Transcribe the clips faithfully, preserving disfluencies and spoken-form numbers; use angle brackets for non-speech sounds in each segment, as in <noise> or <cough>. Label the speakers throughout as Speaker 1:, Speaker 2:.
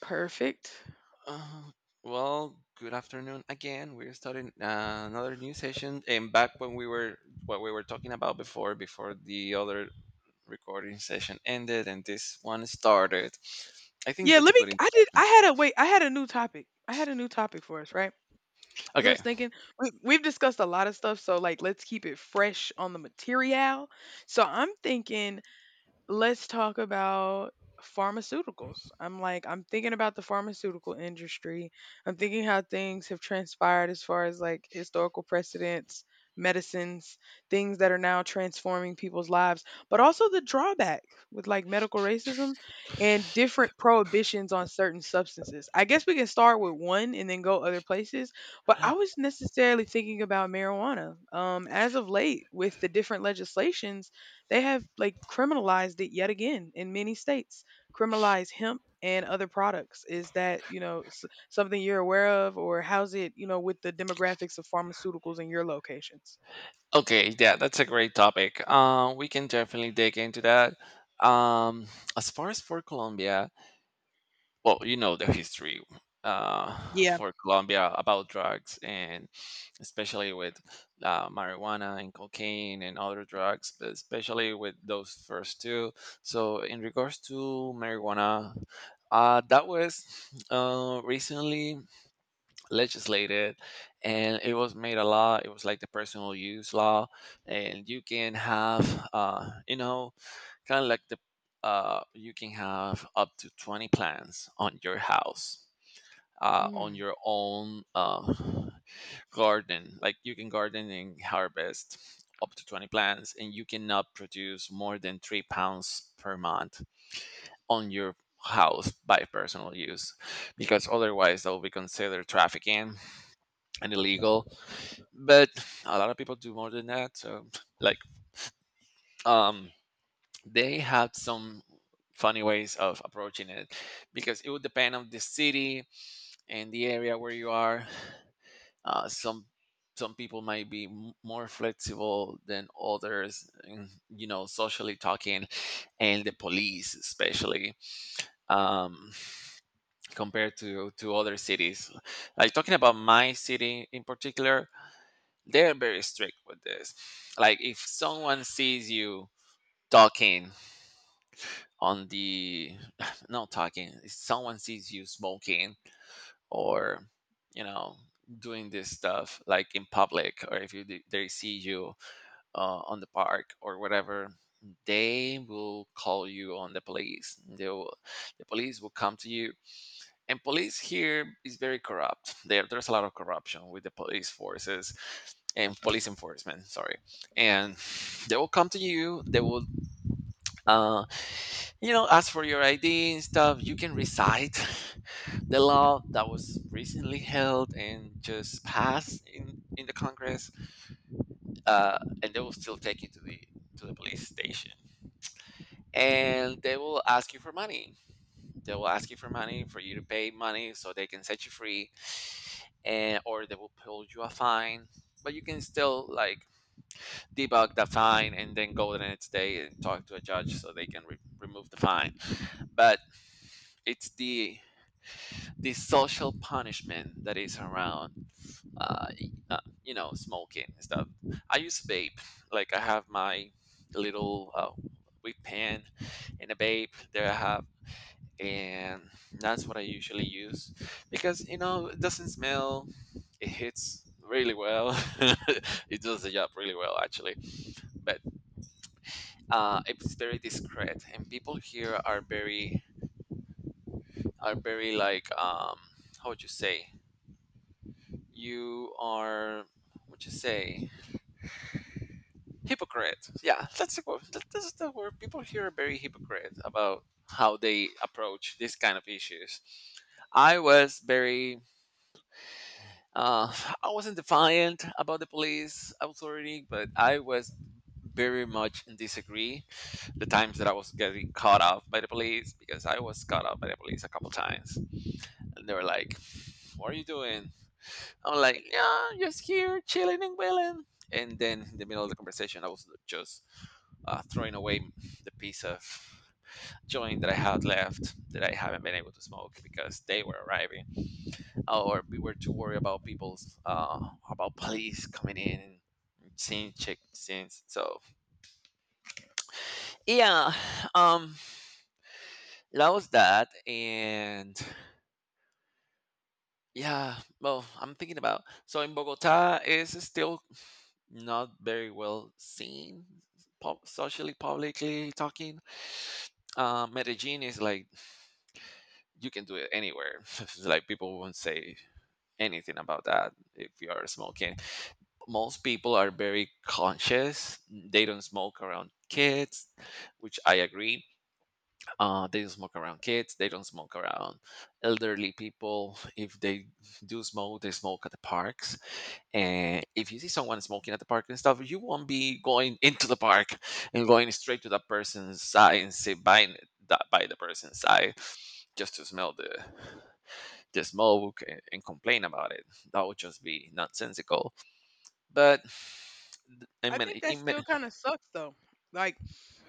Speaker 1: Perfect.
Speaker 2: Uh, well, good afternoon again. We're starting uh, another new session. And back when we were what we were talking about before, before the other recording session ended and this one started, I think
Speaker 1: Yeah,
Speaker 2: that's
Speaker 1: let
Speaker 2: a
Speaker 1: me
Speaker 2: good
Speaker 1: I did I
Speaker 2: introduction.
Speaker 1: had a wait, I had a new topic. I had a new topic for us, right? So I
Speaker 2: Okay,
Speaker 1: was thinking we we've discussed a lot of stuff, so like let's keep it fresh on the material. So I'm thinking let's talk about pharmaceuticals. I'm like, I'm thinking about the pharmaceutical industry. I'm thinking how things have transpired as far as like historical precedents, medicines, things that are now transforming people's lives, but also the drawback with like medical racism and different prohibitions on certain substances. I guess we can start with one and then go other places, but I was necessarily thinking about marijuana. Um, as of late, with the different legislations they have like criminalized it yet again in many states. Criminalize hemp and other products. Is that, you know, s- something you're aware of or how's it, you know, with the demographics of pharmaceuticals in your locations?
Speaker 2: okay, yeah, that's a great topic. Uh, we can definitely dig into that. Um, as far as for Colombia, well, you know the history uh,
Speaker 1: Yeah.
Speaker 2: for Colombia about drugs and especially with uh, marijuana and cocaine and other drugs, but especially with those first two. So, in regards to marijuana, uh, that was uh, recently legislated and it was made a law. It was like the personal use law, and you can have, uh, you know, kind of like the uh, you can have up to twenty plants on your house uh, on
Speaker 1: Mm.
Speaker 2: your own uh, garden, like you can garden and harvest up to twenty plants, and you cannot produce more than three pounds per month on your house by personal use, because otherwise that will be considered trafficking and illegal. But a lot of people do more than that, so like um they have some funny ways of approaching it, because it would depend on the city and the area where you are. uh, some some people might be m- more flexible than others in, you know socially talking, and the police especially. um, Compared to to other cities, like talking about my city in particular, they're very strict with this. Like if someone sees you talking on the <sighs> not talking, if someone sees you smoking or, you know, doing this stuff like in public, or if you d- they see you uh, on the park or whatever, they will call you on the police, they will, the police will come to you. And police here is very corrupt, there there's a lot of corruption with the police forces and police enforcement, sorry. And they will come to you, they will uh, you know, as for your I D and stuff, you can recite <laughs> the law that was recently held and just passed in, in the Congress. Uh, and they will still take you to the to the police station, and they will ask you for money. They will ask you for money for you to pay money so they can set you free, and or they will pull you a fine. But you can still like debug the fine and then go the next day and talk to a judge so they can re- remove the fine. But it's the the social punishment that is around, uh, y- uh, you know, smoking and stuff. I use vape. Like I have my little uh, weed pen and a vape there I have, and that's what I usually use because you know it doesn't smell. It hits really well. <laughs> It does the job really well, actually. But uh, it's very discreet, and people here are very are very like um, how would you say, you are, what you say, hypocrite. Yeah, that's the word that, that's the word. People here are very hypocrite about how they approach these kind of issues. I was very uh, i wasn't defiant about the police authority, but I was very much in disagree the times that I was getting caught up by the police, because I was caught up by the police a couple times. And they were like, what are you doing? I'm like, yeah, just here chilling and willing. And then in the middle of the conversation, I was just uh, throwing away the piece of joint that I had left, that I haven't been able to smoke because they were arriving, or we were too worried about people's uh, about police coming in and seeing check scenes. So yeah, um, that was that, and yeah, well, I'm thinking about, so, in Bogota is still not very well seen, pub- socially publicly talking. Uh, medellin is like you can do it anywhere. <laughs> It's like people won't say anything about that if you are smoking. Most people are very conscious, they don't smoke around kids, which I agree. Uh, they don't smoke around kids, they don't smoke around elderly people. If they do smoke, they smoke at the parks. And if you see someone smoking at the park and stuff, you won't be going into the park and going straight to that person's side and sit by that by the person's side, just to smell the the smoke, and, and complain about it. That would just be nonsensical. But in
Speaker 1: I think
Speaker 2: many,
Speaker 1: that
Speaker 2: in
Speaker 1: still
Speaker 2: many,
Speaker 1: kind of sucks though. Like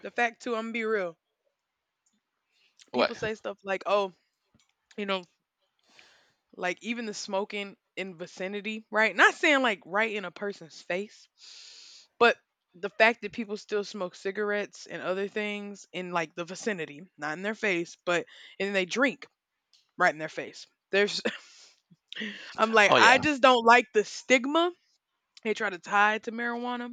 Speaker 1: the fact too, I'm gonna be real.
Speaker 2: what?
Speaker 1: People say stuff like, "Oh, you know, like even the smoking in vicinity, right? Not saying like right in a person's face, but the fact that people still smoke cigarettes and other things in like the vicinity, not in their face, but and then they drink right in their face." There's <laughs> I'm like,
Speaker 2: Oh yeah,
Speaker 1: I just don't like the stigma they try to tie to marijuana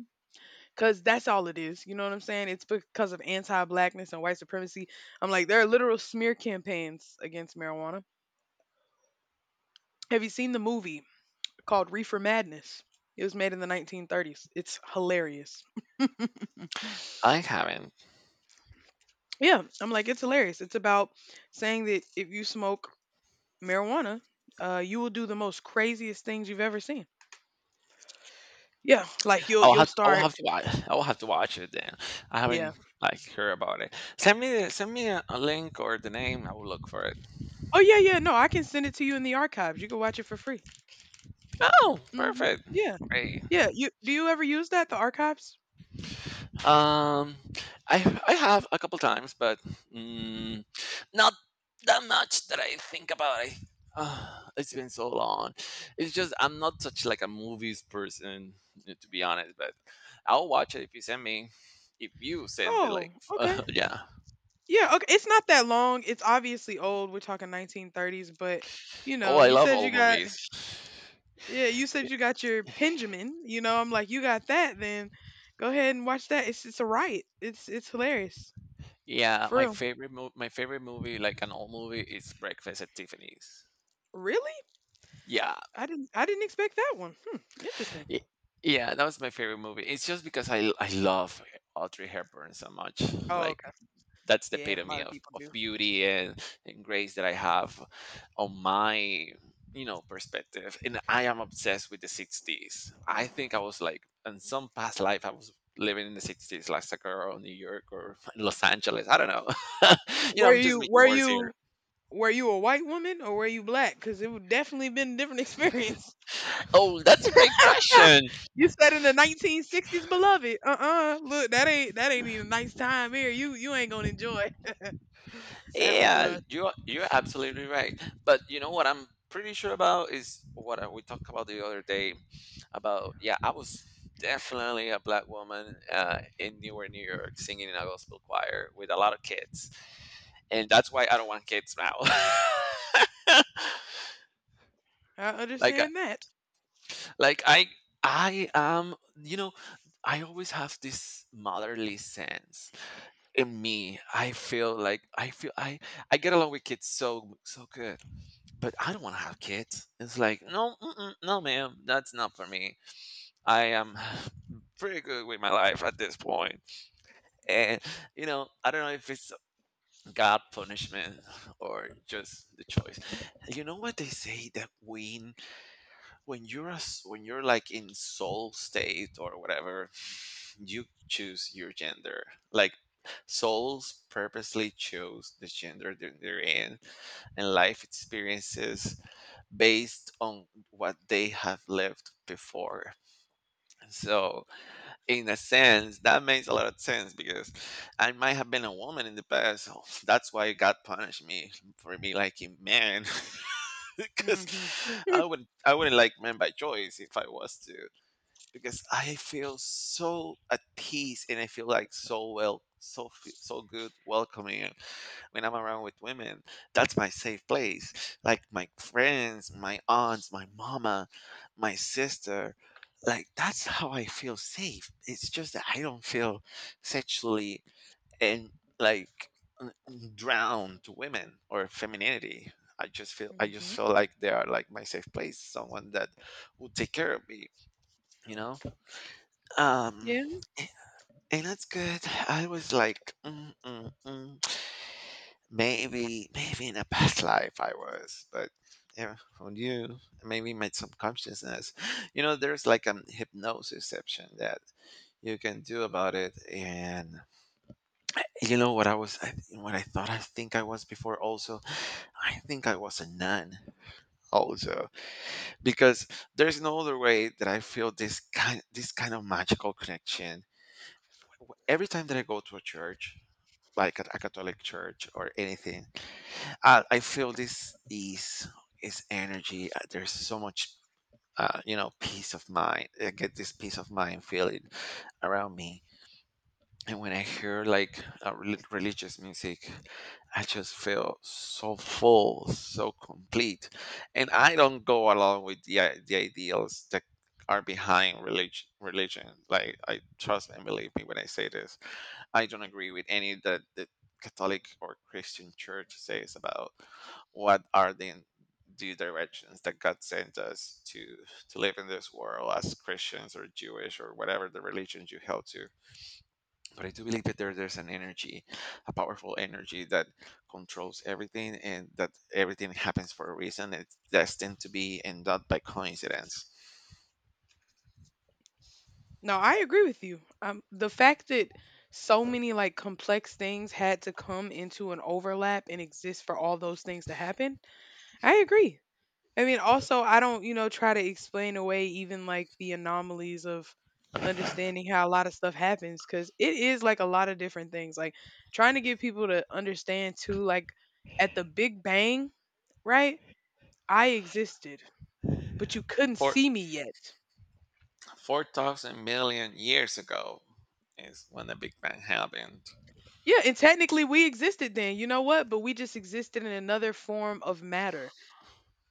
Speaker 1: because that's all it is. You know what I'm saying? It's because of anti blackness and white supremacy. I'm like, there are literal smear campaigns against marijuana. Have you seen the movie called Reefer Madness. It was made in the nineteen thirties. It's hilarious.
Speaker 2: I haven't.
Speaker 1: Yeah, I'm like, it's hilarious. It's about saying that if you smoke marijuana, uh, you will do the most craziest things you've ever seen. Yeah, like you'll
Speaker 2: I will
Speaker 1: you'll
Speaker 2: have to, I will
Speaker 1: start.
Speaker 2: have to watch. I will have to watch it then. I
Speaker 1: Yeah.
Speaker 2: haven't like heard about it. Send me the- send me a, a link or the name. I will look for it.
Speaker 1: Oh yeah, yeah. No, I can send it to you in the archives. You can watch it for free.
Speaker 2: Oh,
Speaker 1: Hmm.
Speaker 2: perfect.
Speaker 1: Yeah,
Speaker 2: Great.
Speaker 1: yeah. You do you ever use that the archives?
Speaker 2: Um, I I have a couple times, but mm, not that much that I think about it. Ah, it's been so long. It's just I'm not such like a movies person, uh, to be honest. But I'll watch it if you send me. If you send the
Speaker 1: Oh,
Speaker 2: like, <laughs>
Speaker 1: okay.
Speaker 2: uh, yeah.
Speaker 1: Yeah, okay. It's not that long. It's obviously old. We're talking nineteen thirties, but you
Speaker 2: Oh,
Speaker 1: know,
Speaker 2: I
Speaker 1: you
Speaker 2: love
Speaker 1: said you
Speaker 2: all
Speaker 1: got.
Speaker 2: movies.
Speaker 1: Yeah, you said you got your Benjamin. You know, I'm like, you got that, then go ahead and watch that. It's it's a riot. It's it's hilarious.
Speaker 2: Yeah,
Speaker 1: For
Speaker 2: my
Speaker 1: real.
Speaker 2: favorite mo- my favorite movie, like an old movie, is Breakfast at Tiffany's.
Speaker 1: Really?
Speaker 2: Yeah,
Speaker 1: I didn't I didn't expect that one. Hmm. Interesting.
Speaker 2: Y- Yeah, that was my favorite movie. It's just because I I love Audrey Hepburn so much.
Speaker 1: Oh,
Speaker 2: Like
Speaker 1: okay.
Speaker 2: that's the
Speaker 1: Yeah, a lot
Speaker 2: epitome
Speaker 1: of
Speaker 2: of,
Speaker 1: people
Speaker 2: of
Speaker 1: do.
Speaker 2: beauty and, and grace that I have on my, you know perspective. And I am obsessed with the sixties. I think I was like in some past life I was living in the sixties, like a girl in New York or <laughs> Los Angeles. I don't know. <laughs> You know,
Speaker 1: Were
Speaker 2: I'm just
Speaker 1: you
Speaker 2: making
Speaker 1: were
Speaker 2: words
Speaker 1: you
Speaker 2: here.
Speaker 1: were you a white woman or were you black? Because it would definitely been a different experience.
Speaker 2: Oh, that's a great
Speaker 1: <laughs>
Speaker 2: question.
Speaker 1: You said in the nineteen sixties, beloved. Uh-uh. Look, that ain't that ain't even a nice time here. You you ain't gonna enjoy. That was
Speaker 2: Yeah,
Speaker 1: a.
Speaker 2: you you're absolutely right. But you know what I'm pretty sure about is what I- we talked about the other day about, yeah, I was definitely a black woman uh, in Newark, New York, singing in a gospel choir with a lot of kids, and that's why I don't want kids now. <laughs>
Speaker 1: I
Speaker 2: like I-
Speaker 1: understand that.
Speaker 2: like I I am, you know I always have this motherly sense in me. I feel like I feel I I get along with kids so so good, but I don't want to have kids. It's like, no, mm-mm, no, ma'am, that's not for me. I am <sighs> pretty good with my life at this point. And, you know, I don't know if it's God punishment or just the choice. You know what they say, that when, when you're, a s when you're like in soul state or whatever, you choose your gender. Like, souls purposely chose the gender that they're in and life experiences based on what they have lived before. So, in a sense, that makes a lot of sense because I might have been a woman in the past. <sighs> So that's why God punished me for me liking men, <laughs> because
Speaker 1: Mm-hmm. Hmm.
Speaker 2: I would I wouldn't like men by choice if I was to, because I feel so at peace and I feel like so well, so fe- so good, welcoming when I'm around with women. That's my safe place. Like my friends, my aunts, my mama, my sister. Like that's how I feel safe. It's just that I don't feel sexually and, like, n- n- drawn to women or femininity. I just
Speaker 1: <laughs>
Speaker 2: feel I just
Speaker 1: Hmm.
Speaker 2: feel like they are like my safe place, someone that will take care of me, you know? Um
Speaker 1: Yeah.
Speaker 2: and that's good. I was like, mm, mm, mm. Maybe, maybe in a past <laughs> life I was, but yeah, on you, maybe made some consciousness. <gasps> You know, there's like a hypnosisception that you can do about it. And you know what I was, I, what I thought I think I was before also, I think I was a nun also, because there's no other way that I feel this kind this kind of magical connection. Every time that I go to a church, like a, a Catholic church or anything, I, I feel this ease, is energy. uh, There's so much, uh, you know, peace of mind. I get this peace of mind feeling around me, and when I hear like uh, rel- religious music, I just feel so full, so complete, and I don't go along with the i- the ideals that are behind religion. Religion, like, I trust and believe me when I say this, I don't agree with any that the Catholic or Christian Church says about what are the the directions that God sent us to to live in this world as Christians or Jewish or whatever the religion you held to. But I do believe that there, there's an energy, a powerful energy that controls everything, and that everything happens for a reason. It's destined to be and not by coincidence.
Speaker 1: No, I agree with you. Um, the fact that so many like complex things had to come into an overlap and exist for all those things to happen, I agree. I mean, also, I don't, you know, try to explain away even like the anomalies of understanding how a lot of stuff happens because it is like a lot of different things. Like trying to get people to understand too, like at the Big Bang, right? I existed, but you couldn't
Speaker 2: Four
Speaker 1: see me yet.
Speaker 2: four thousand million years ago is when the Big Bang happened.
Speaker 1: Yeah, and technically we existed then. You know what? But we just existed in another form of matter,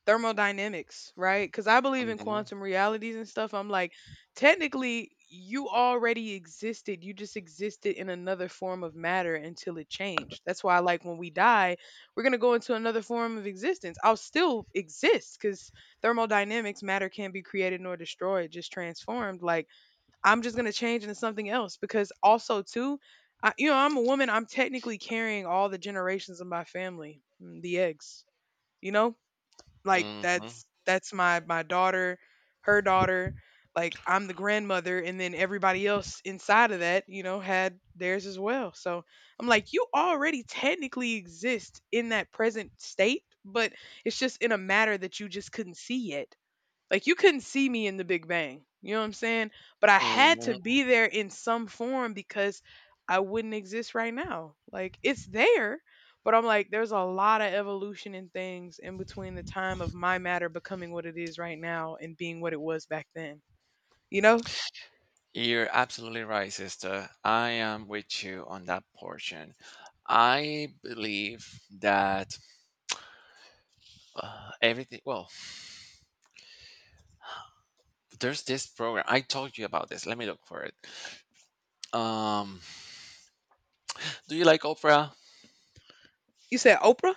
Speaker 1: thermodynamics, right? Because I believe in
Speaker 2: Mhm.
Speaker 1: quantum realities and stuff. I'm like, technically, you already existed. You just existed in another form of matter until it changed. That's why, like, when we die, we're going to go into another form of existence. I'll still exist because thermodynamics, matter can't be created nor destroyed, just transformed. Like, I'm just gonna change into something else because also too, I, you know, I'm a woman. I'm technically carrying all the generations of my family, mm, the eggs. You know, like
Speaker 2: Mhm,
Speaker 1: that's that's my my daughter, her daughter. Like I'm the grandmother, and then everybody else inside of that, you know, had theirs as well. So I'm like, you already technically exist in that present state, but it's just in a matter that you just couldn't see yet. Like you couldn't see me in the Big Bang. You know what I'm saying? But I had to
Speaker 2: mhm.
Speaker 1: be there in some form because I wouldn't exist right now. Like it's there, but I'm like, there's a lot of evolution in things in between the time of my matter becoming what it is right now and being what it was back then. You know?
Speaker 2: You're absolutely right, sister. I am with you on that portion. I believe that uh, everything, well, there's this program. I told you about this. Let me look for it. Um, do you like Oprah?
Speaker 1: You said Oprah?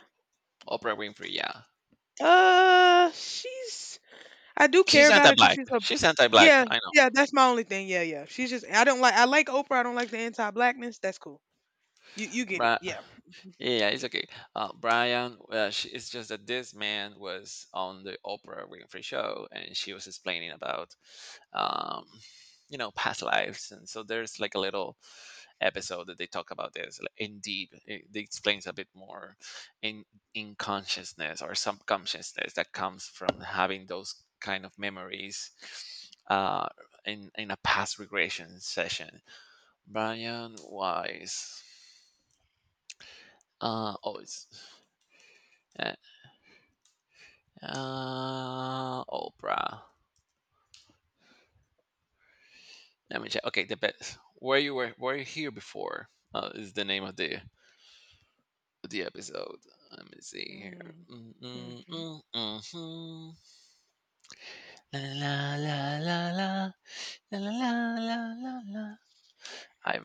Speaker 2: Oprah Winfrey, yeah.
Speaker 1: Uh, she's. I do care
Speaker 2: She's
Speaker 1: about her because
Speaker 2: anti-black.
Speaker 1: she's a.
Speaker 2: She's anti-black.
Speaker 1: Yeah,
Speaker 2: I
Speaker 1: yeah, that's my only thing. Yeah, yeah. She's just. I don't like. I like Oprah. I don't like the anti-blackness. That's cool. You you get it.
Speaker 2: Right.
Speaker 1: Yeah.
Speaker 2: Yeah, it's okay. Uh, Brian, well, she, it's just that this man was on the Oprah Winfrey show, and she was explaining about, um, you know, past lives, and so there's like a little episode that they talk about this like, in deep. It, it explains a bit more in in consciousness or subconsciousness that comes from having those kind of memories, uh, in in a past regression session. Brian Wise. Uh, oh, it's uh, uh, Oprah. Let me check. Okay, the best. Where you were, were you here before? Uh, is the name of the the episode. Let me see here. Mm, mm,
Speaker 1: Mm-hmm.
Speaker 2: mm, mhm. La la la la la la la la la. La. I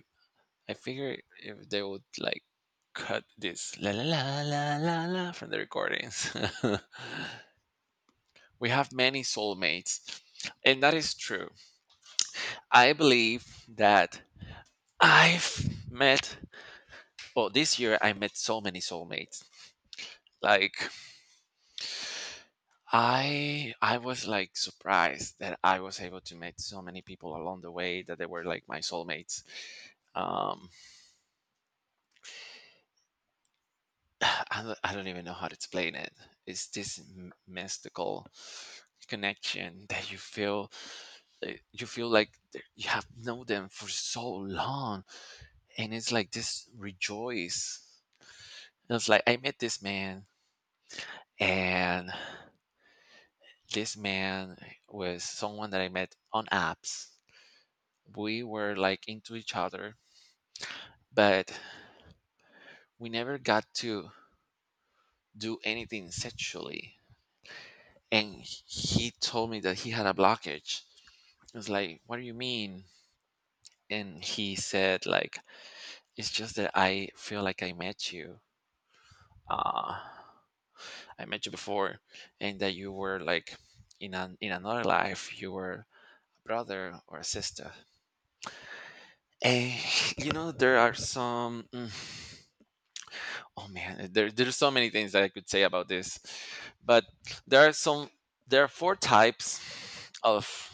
Speaker 2: I figure if they would like cut this la la la la la la from the recordings. <laughs> We have many soulmates, and that is true. I believe that I've met, well, this year I met so many soulmates. Like I I was like surprised that I was able to meet so many people along the way that they were like my soulmates. Um <sighs> I, don't- I don't even know how to explain it. It's this m- mystical connection that you feel, uh, you feel like th- you have known them for so long, and it's like this rejoice. It's like I met this man, and this man was someone that I met on apps. We were like into each other, but we never got to do anything sexually. And he told me that he had a blockage. I was like, "What do you mean?" And he said, like, it's just that I feel like I met you. Uh, I met you before, and that you were like in an in another life, you were a brother or a sister. And <laughs> you know, there are some mm, oh man, eh, there, there's so many things that I could say about this, but there are some, there are four types of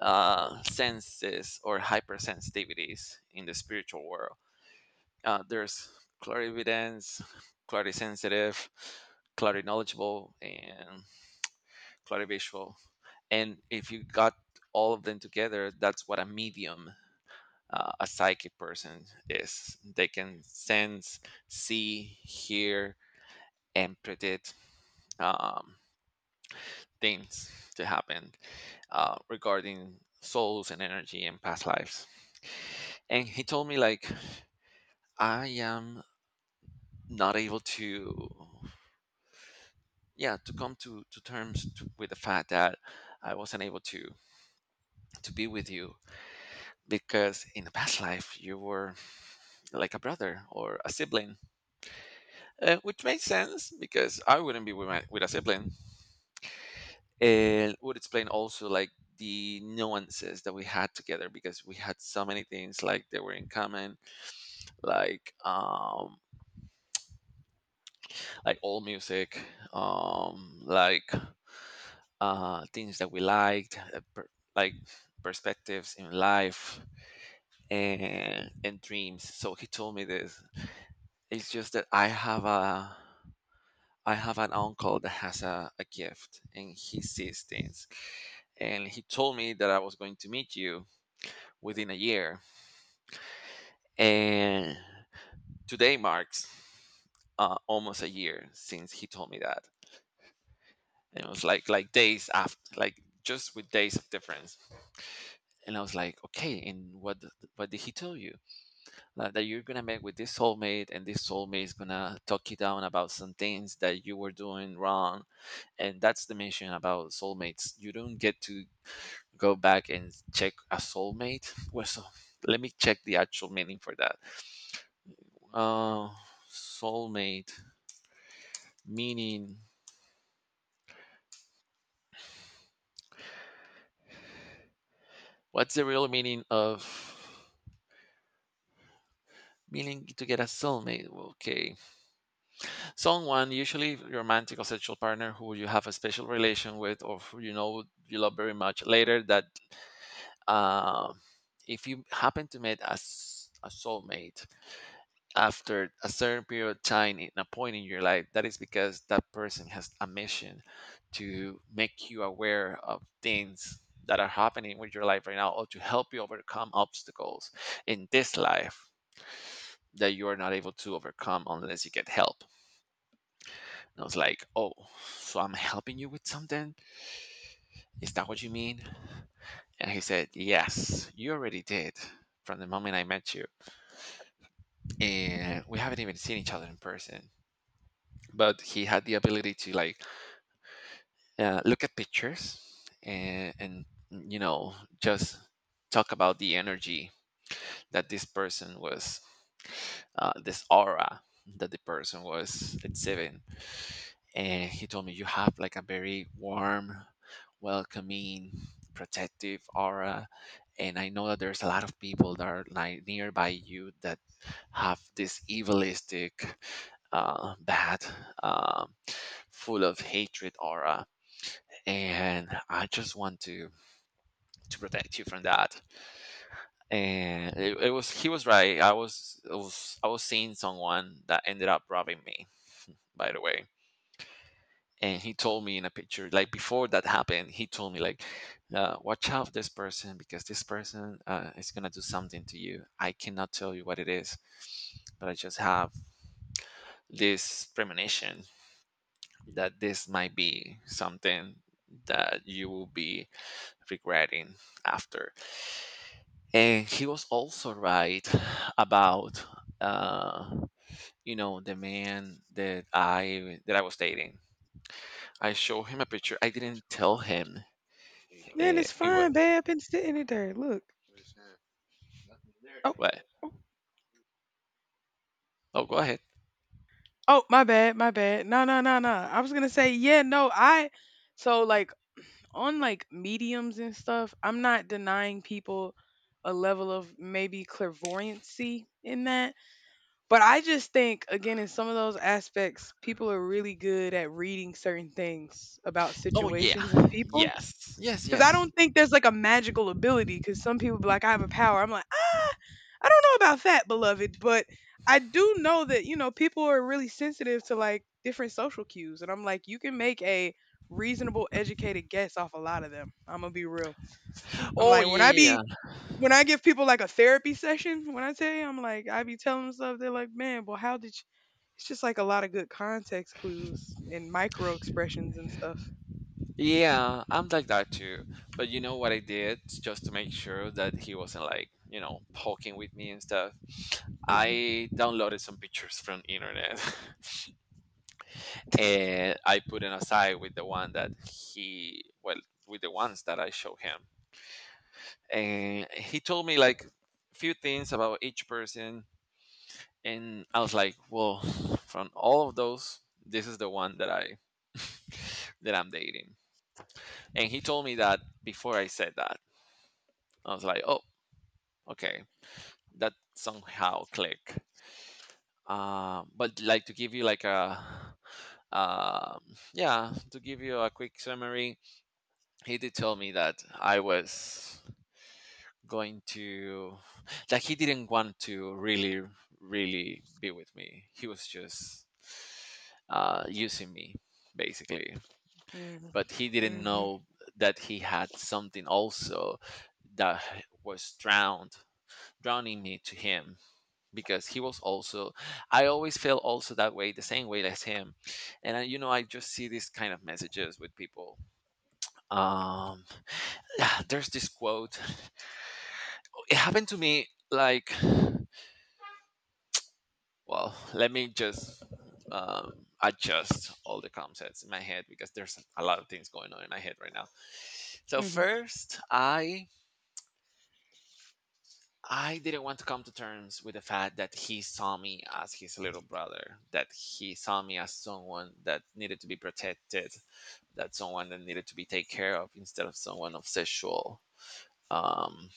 Speaker 2: uh, senses or hypersensitivities in the spiritual world. uh, there's clarividence, clarisensitive, clarinknowledgeable, and clarivisual. And if you got all of them together, that's what a medium, uh, a psychic person is. They can sense, see, hear, and predict, um, things to happen, uh, regarding souls and energy and past lives. And he told me, like, I am not able to, yeah, to come to to terms to, with the fact that I wasn't able to to be with you, because in the past life you were like a brother or a sibling, uh, which makes sense because I wouldn't be with my with a sibling, and would explain also like the nuances that we had together because we had so many things like that were in common, like um like all music, um like uh things that we liked, uh, per- like perspectives in life and and dreams. So he told me this, it's just that i have a I have an uncle that has a, a gift and he sees things, and he told me that I was going to meet you within a year. And today marks, uh, almost a year since he told me that. And it was like like days after, like just with days of difference. And I was like, okay, and what th- what did he tell you? That, that you're gonna meet with this soulmate, and this soulmate is gonna talk you down about some things that you were doing wrong. And that's the mission about soulmates. You don't get to go back and check a soulmate. <laughs> Well, so let me check the actual meaning for that. Uh, soulmate meaning, what's the real meaning of meaning to get a soulmate? Okay. Someone, usually romantic or sexual partner who you have a special relation with or who you know you love very much later, that uh, if you happen to meet a, s- a soulmate, after a certain period of time in a point in your life, that is because that person has a mission to make you aware of things that are happening with your life right now, or to help you overcome obstacles in this life that you are not able to overcome unless you get help. And I was like, oh, so I'm helping you with something, is that what you mean? And he said, yes, you already did, from the moment I met you. And we haven't even seen each other in person, but he had the ability to like uh, look at pictures, and, and you know, just talk about the energy that this person was, uh, this aura that the person was exhibiting. And he told me, you have like a very warm, welcoming, protective aura, and I know that there's a lot of people that are like nearby you that have this evilistic, uh, bad, um, full of hatred aura, and I just want to to protect you from that. And it, it was, he was right. I was, I was I was seeing someone that ended up robbing me, by the way. And he told me in a picture, like before that happened, he told me like, uh, "Watch out this person because this person uh, is gonna do something to you. I cannot tell you what it is, but I just have this premonition that this might be something that you will be regretting after." And he was also right <sighs> about uh you know the man that i that i was dating. I showed him a picture, I didn't tell him,
Speaker 1: Man,
Speaker 2: it,
Speaker 1: it's
Speaker 2: it was
Speaker 1: fine, babe. I've been sitting in there. Look. Nothing there. Oh,
Speaker 2: what?
Speaker 1: oh,
Speaker 2: Oh, go ahead.
Speaker 1: oh, my bad, my bad. No, no, no, no. I was gonna say, yeah, no, I. So like on like mediums and stuff, I'm not denying people a level of maybe clairvoyancy in that, but I just think again in some of those aspects, people are really good at reading certain things about
Speaker 2: Oh yeah,
Speaker 1: situations and people.
Speaker 2: yes, yes,
Speaker 1: Because I
Speaker 2: yes.
Speaker 1: don't think there's like a magical ability. Because some people be like, I have a power. I'm like, "Ah, I don't know about fat beloved, but I do know that, you know, people are really sensitive to like different social cues. And I'm like, you can make a reasonable, educated guess off a lot of them. I'm gonna be real. I'm
Speaker 2: Oh
Speaker 1: like, when I be
Speaker 2: yeah.
Speaker 1: when I give people like a therapy session, when I tell you, I'm like, I be telling them stuff, they're like, man, well, how did you? It's just like a lot of good context clues and micro expressions and stuff.
Speaker 2: Yeah, I'm like that too. But you know what I did just to make sure that he wasn't like, you know, poking with me and stuff,
Speaker 1: Mm-hmm.
Speaker 2: I downloaded some pictures from internet. <laughs> And I put it aside with the one that he, well, with the ones that I show him, and he told me like few things about each person, and I was like, well, from all of those, this is the one that I <laughs> that I'm dating. And he told me that before I said that. I was like, oh, okay, that somehow click. uh, but like to give you like a um, yeah, to give you a quick summary, he did tell me that I was going to, that he didn't want to really really be with me. He was just uh, using me, basically,
Speaker 1: Mm-hmm.
Speaker 2: but he didn't
Speaker 1: Mm-hmm.
Speaker 2: know that he had something also that was drowned drowning me to him, because he was also, I always feel also that way the same way as him. And I, you know, I just see these kind of messages with people. um <sighs> yeah, there's this quote, it happened to me like, well, let me just um, adjust all the concepts in my head because there's a lot of things going on in my head right now. So first, i i didn't want to come to terms with the fact that he saw me as his little brother, that he saw me as someone that needed to be protected, that someone that needed to be taken care of instead of someone of sexual, um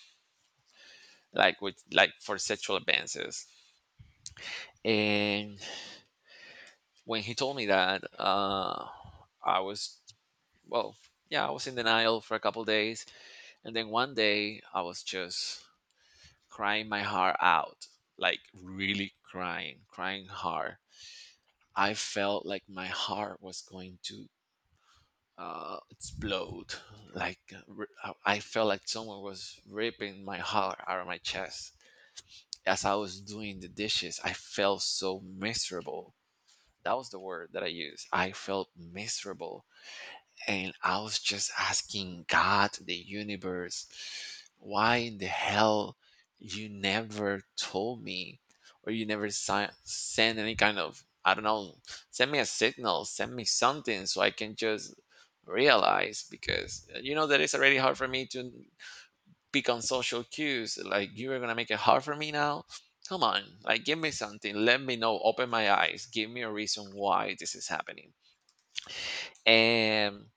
Speaker 2: like with like for sexual advances. And when he told me that, uh, I was, well, yeah, I was in denial for a couple days, and then one day I was just crying my heart out, like really crying, crying hard. I felt like my heart was going to uh, explode. Like uh, ri- I I felt like someone was ripping my heart out of my chest. As I was doing the dishes, I felt so miserable. That was the word that I used. I felt miserable. And I was just asking God, the universe, why in the hell you never told me or you never si- send any kind of, I don't know, send me a signal, send me something so I can just realize, because uh, you know that it's already hard for me to pick on social cues. Like, you are going to make it hard for me now? Come on, like, give me something. Let me know. Open my eyes. Give me a reason why this is happening. And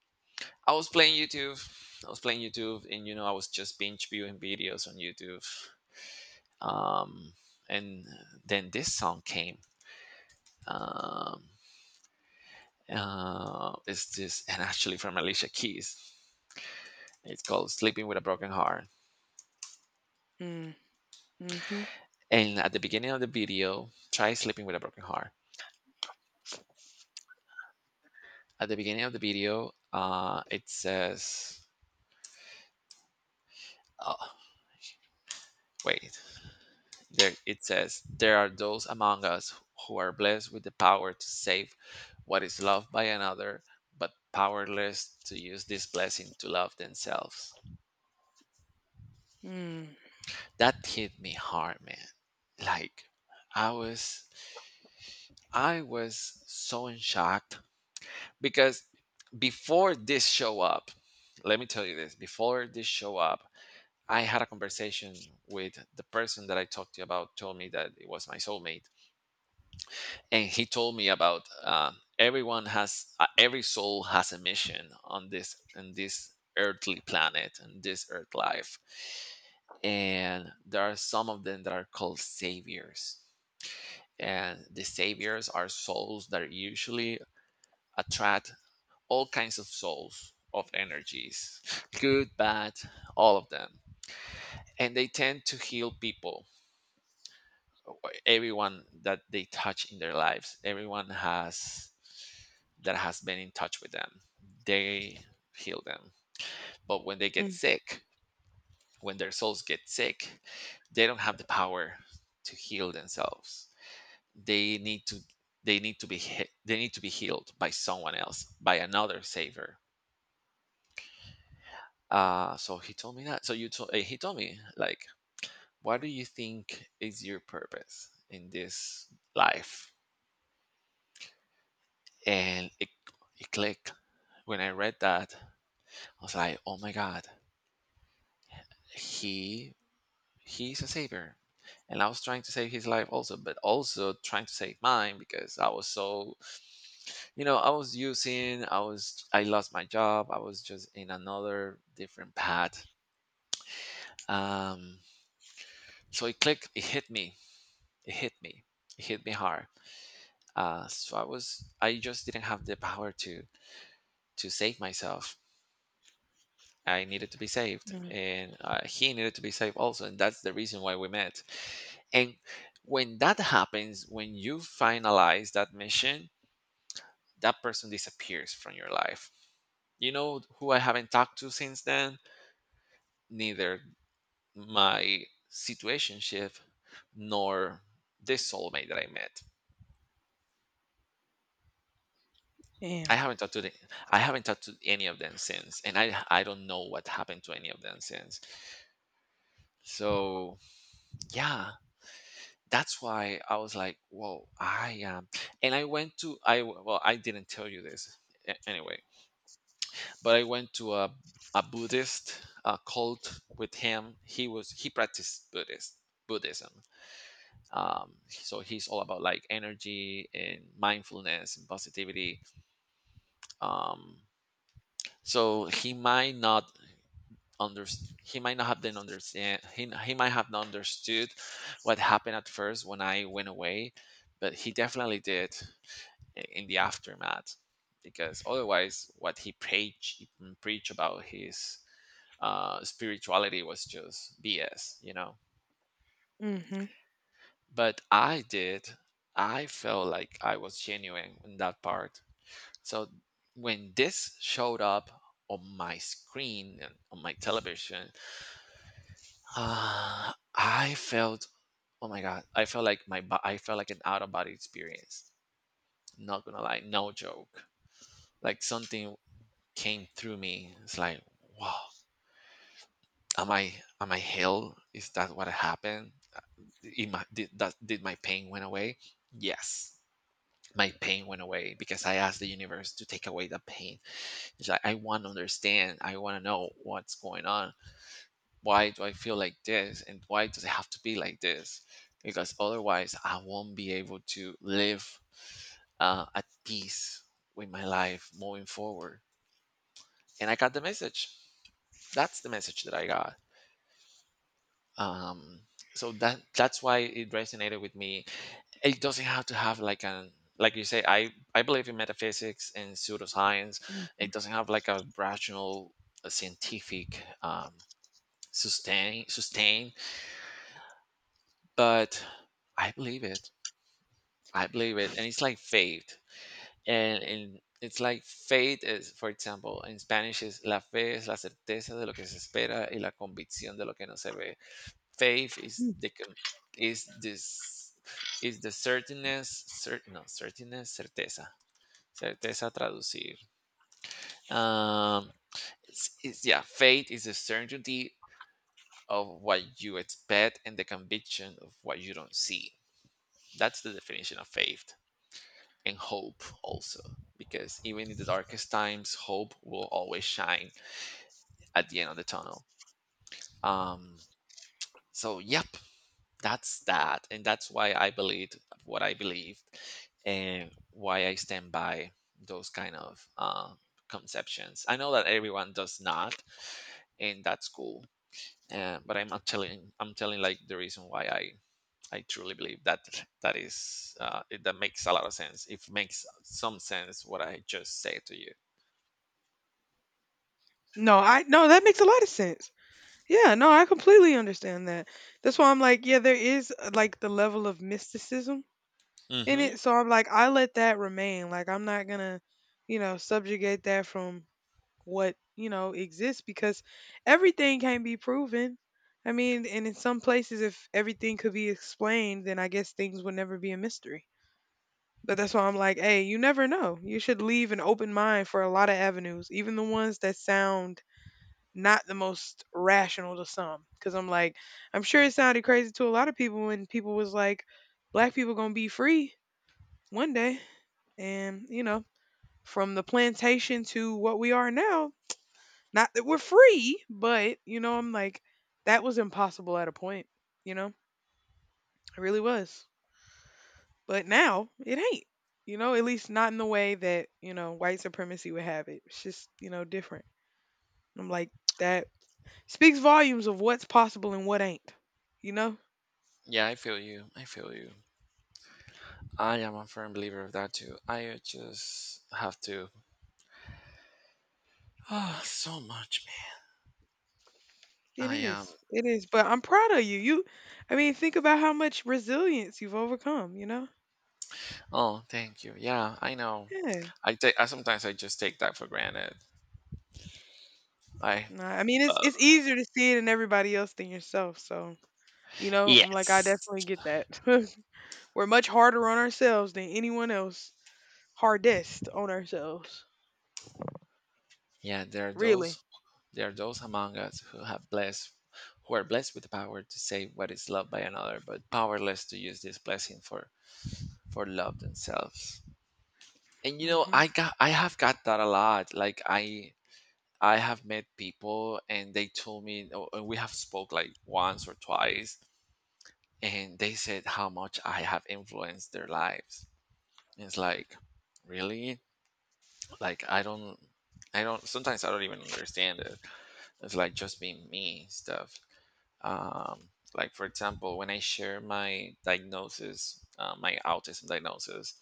Speaker 2: I was playing YouTube. I was playing YouTube, and you know, I was just binge viewing videos on YouTube. Um, and then this song came. Um, uh, it's this, <laughs> and actually from Alicia Keys. It's called "Sleeping with a Broken Heart."
Speaker 1: Mm-hmm. Mm-hmm.
Speaker 2: And at the beginning of the video, try sleeping with a broken heart. At the beginning of the video, uh, it says, "Oh, wait." There it says, there are those among us who are blessed with the power to save what is loved by another, but powerless to use this blessing to love themselves.
Speaker 1: Mm-hmm.
Speaker 2: That hit me hard, man. Like I was I was so in shock because before this show up, let me tell you this, before this show up, I had a conversation with the person that I talked to about told me that it was my soulmate, and he told me about uh, everyone has uh, every soul has a mission on this in this earthly planet and this earth life. And there are some of them that are called saviors, and the saviors are souls that usually attract all kinds of souls of energies, good, bad, all of them, and they tend to heal people, everyone that they touch in their lives, everyone has that has been in touch with them. They heal them. But when they get
Speaker 1: Mm-hmm.
Speaker 2: sick, when their souls get sick, they don't have the power to heal themselves. They need to they need to be he- they need to be healed by someone else, by another savior. Uh, so he told me that. So you told uh, he told me like, what do you think is your purpose in this life? And it it clicked when I read that. I was like, oh my god, he he's a saver, and I was trying to save his life also, but also trying to save mine because I was so, you know, i was using i was I lost my job, I was just in another different path. um so it clicked, it hit me, it hit me it hit me hard. uh so i was I just didn't have the power to to save myself. I needed to be saved,
Speaker 1: Mm-hmm.
Speaker 2: and uh, he needed to be saved also, and that's the reason why we met. And when that happens, when you finalize that mission, that person disappears from your life. You know who I haven't talked to since then? Neither my situationship nor this soulmate that I met.
Speaker 1: Damn.
Speaker 2: I haven't talked to the, I haven't talked to any of them since, and I I don't know what happened to any of them since. So yeah, that's why I was like, whoa, I am. And I went to, I well, I didn't tell you this a- anyway, but I went to a, a Buddhist uh cult with him. He was, he practiced Buddhist, Buddhism. Um, so he's all about like energy and mindfulness and positivity. Um, so he might not understand. He might not have been understand. He, he might have not understood what happened at first when I went away, but he definitely did in the aftermath, because otherwise what he preached preach about his uh, spirituality was just bs, you know.
Speaker 1: Mm-hmm.
Speaker 2: But I did, I felt like I was genuine in that part. So when this showed up on my screen and on my television, <sighs> uh, I felt, oh my god, I felt like my bo- I felt like an out of body experience, not gonna lie, no joke. Like something came through me. It's like, wow, am I am I hell? Is that what happened? Uh, Did my, did, that, did my pain went away? Yes, my pain went away because I asked the universe to take away the pain. It's like I want to understand. I want to know what's going on. Why do I feel like this? And why does it have to be like this? Because otherwise, I won't be able to live uh, at peace with my life moving forward. And I got the message. That's the message that I got. um so that that's why it resonated with me. It doesn't have to have like an, like you say, i I believe in metaphysics and pseudoscience.
Speaker 1: Mm-hmm.
Speaker 2: It
Speaker 1: Mm-hmm.
Speaker 2: doesn't have like a rational, a scientific um sustain sustain. But I believe it, i believe it and it's like faith, and and it's like faith is, for example, in Spanish is la fe es la certeza de lo que se espera y la convicción de lo que no se ve. Faith is the com- is this is the certainness, cer- no, certainness, certeza, certeza traducir. Um, it's, it's, yeah, faith is the certainty of what you expect and the conviction of what you don't see. That's the definition of faith and hope also, because even in the darkest times, hope will always shine at the end of the tunnel. Um, so, yep, that's that, and that's why I believed what I believed and why I stand by those kind of uh, conceptions. I know that everyone does not, and that's cool. Uh, but I'm not telling I'm telling like the reason why i I truly believe that, that is uh, it, that makes a lot of sense, it makes some sense what I just said to you.
Speaker 1: No, I no, that makes a lot of sense. Yeah, no, I completely understand that. That's why I'm like, yeah, there is uh, like the level of mysticism in it.
Speaker 2: Hmm.
Speaker 1: So I'm like, I let that remain. Like I'm not gonna, you know, subjugate that from what, you know, exists because everything can be proven. I mean, and in some places if everything could be explained, then I guess things would never be a mystery. But that's why I'm like, hey, you never know. You should leave an open mind for a lot of avenues, even the ones that sound not the most rational to some because I'm like, I'm sure it sounded crazy to a lot of people when people was like black people gonna be free one day. And you know, from the plantation to what we are now, not that we're free, but you know, I'm like, that was impossible at a point. You know it really was, but now it ain't. You know, at least not in the way that, you know, white supremacy would have it. It's just, you know, different. I'm like, that speaks volumes of what's possible and what ain't, you know.
Speaker 2: Yeah, I feel you, i feel you I am a firm believer of that too, I just have to. <sighs> Ah, so much.
Speaker 1: It
Speaker 2: I am.
Speaker 1: is. It is, but I'm proud of you. You I mean, think about how much resilience you've overcome, you know?
Speaker 2: Oh, thank you. Yeah, I know.
Speaker 1: Yeah.
Speaker 2: I take. I sometimes I just take that for granted. I.
Speaker 1: No, I mean, it's
Speaker 2: Uh,
Speaker 1: it's easier to see it in everybody else than yourself, so, you know, I'm like, I
Speaker 2: Yes.
Speaker 1: definitely get that. <laughs> We're much harder on ourselves than anyone else. Hardest on ourselves.
Speaker 2: Yeah, there are those.
Speaker 1: Really.
Speaker 2: There are those among us who have blessed, who are blessed with the power to say what is loved by another, but powerless to use this blessing for for love themselves. And you know,
Speaker 1: Mhm.
Speaker 2: I got. I have got that a lot. Like I. I have met people and they told me, oh, and we have spoke like once or twice, and they said how much I have influenced their lives. And it's like, really? Like I don't I don't, sometimes I don't even understand it. It's like just being me and stuff. Um like for example, when I share my diagnosis, uh, my autism diagnosis,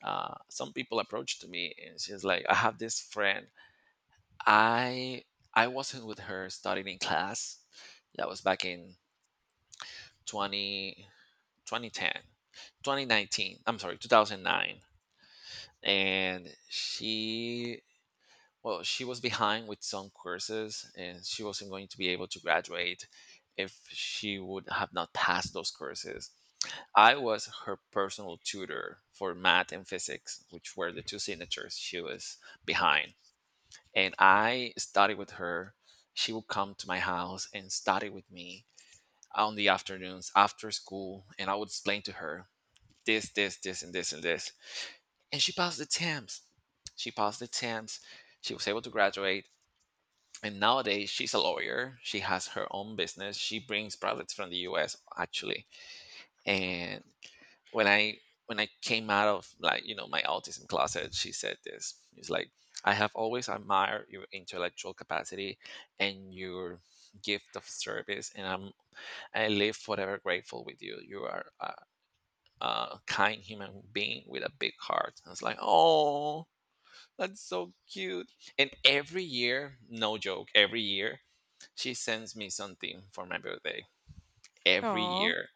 Speaker 2: uh, some people approached me and she's like, "I have this friend. I I wasn't with her studying in class. That was back in twenty twenty ten twenty nineteen i'm sorry two thousand nine. And she, well, she was behind with some courses and she wasn't going to be able to graduate if she would have not passed those courses. I was her personal tutor for math and physics, which were the two signatures she was behind, and I studied with her. She would come to my house and study with me on the afternoons after school, and I would explain to her this, this, this, and this, and this. And she passed the T A M S. She passed the T A M S. She was able to graduate. And nowadays, she's a lawyer. She has her own business. She brings products from the U S, actually. And when I when I came out of like, you know, my autism closet, she said this. It's like, I have always admired your intellectual capacity and your gift of service, and I'm I live forever grateful with you. You are a, uh, kind human being with a big heart. I was like, oh, that's so cute. And every year, no joke, every year, she sends me something for my birthday. Every
Speaker 1: Aw.
Speaker 2: year.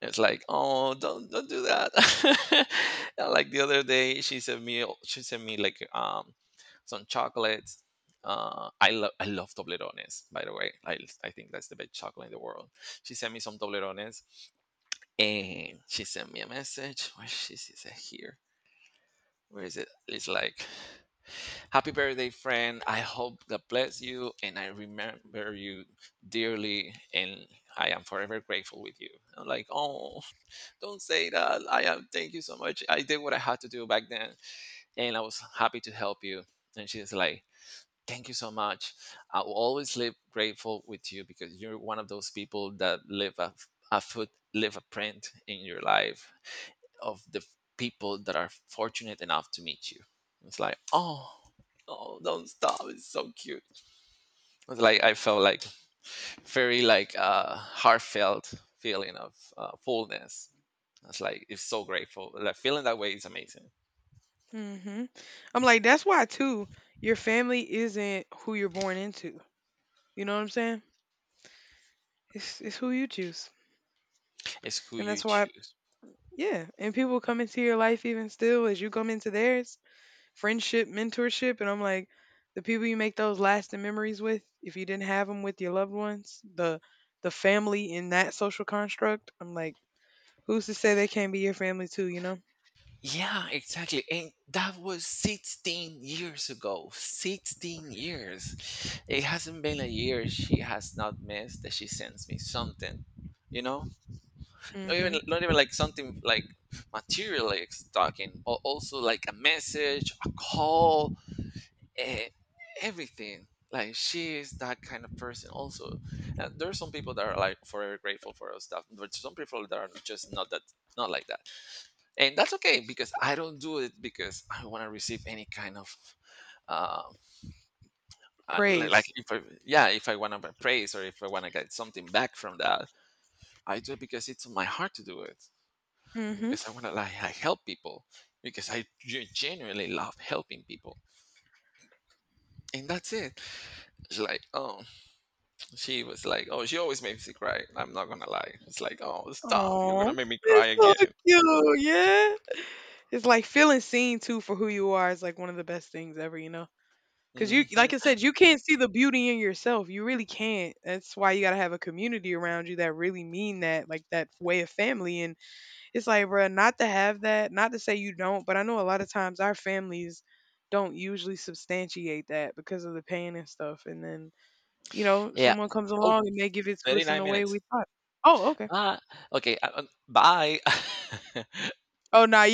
Speaker 2: It's like, oh, don't don't do that. <laughs> And, like the other day, she sent me she sent me like um some chocolates. Uh, I love I love Toblerones, by the way. I I think that's the best chocolate in the world. She sent me some Toblerones, and she sent me a message. Where she is it here? Where is it? It's like, happy birthday, friend. I hope God bless you and I remember you dearly, and I am forever grateful with you. I'm like, oh, don't say that. I am thank you so much. I did what I had to do back then and I was happy to help you. And she's like, thank you so much. I will always live grateful with you because you're one of those people that live a, a foot, live a print in your life of the f- people that are fortunate enough to meet you. It's like, oh, oh, don't stop. It's so cute. It's like I felt like very like uh, heartfelt feeling of uh, fullness. It's like it's so grateful. Like feeling that way is amazing.
Speaker 1: Mhm. I'm like, that's why too, your family isn't who you're born into. You know what I'm saying? It's it's who you choose.
Speaker 2: It's who
Speaker 1: And
Speaker 2: you
Speaker 1: that's why
Speaker 2: choose.
Speaker 1: Yeah, and people come into your life even still as you come into theirs, friendship, mentorship, and I'm like, the people you make those lasting memories with, if you didn't have them with your loved ones, the the family in that social construct, I'm like, who's to say they can't be your family too, you know?
Speaker 2: Yeah, exactly. And that was sixteen years ago. sixteen years. It hasn't been a year she has not missed that she sends me something, you know? Or even
Speaker 1: Mhm.
Speaker 2: not even like something like materially talking, but also like a message, a call, eh, everything. Like she is that kind of person also. And there are some people that are like forever grateful for our stuff, but some people that are just not that, not like that, and that's okay, because I don't do it because I want to receive any kind of uh, uh, li- like
Speaker 1: Praise.
Speaker 2: if I, yeah, if I want to praise or if I want to get something back from that. I do it because it's in my heart to do it, and
Speaker 1: Mhm.
Speaker 2: because I want to, like, I help people because I ge- genuinely love helping people, and that's it. She's like, oh, she was like, oh, she always makes me cry, I'm not gonna lie, it's like, oh stop, you're
Speaker 1: Aw,
Speaker 2: gonna make me cry
Speaker 1: it's so
Speaker 2: again.
Speaker 1: cute. Yeah, it's like feeling seen too for who you are is like one of the best things ever, you know. Cause you,
Speaker 2: Hmm.
Speaker 1: like I said, you can't see the beauty in yourself. You really can't. That's why you gotta have a community around you that really mean that, like that way of family. And it's like, bruh, not to have that, not to say you don't, but I know a lot of times our families don't usually substantiate that because of the pain and stuff. And then you know,
Speaker 2: Yeah.
Speaker 1: someone comes
Speaker 2: Oh,
Speaker 1: along and they give it to
Speaker 2: thirty
Speaker 1: us in
Speaker 2: nine
Speaker 1: the way we
Speaker 2: minutes
Speaker 1: thought. Oh, okay.
Speaker 2: Ah, okay. uh, uh, bye. <laughs>
Speaker 1: Oh, nah,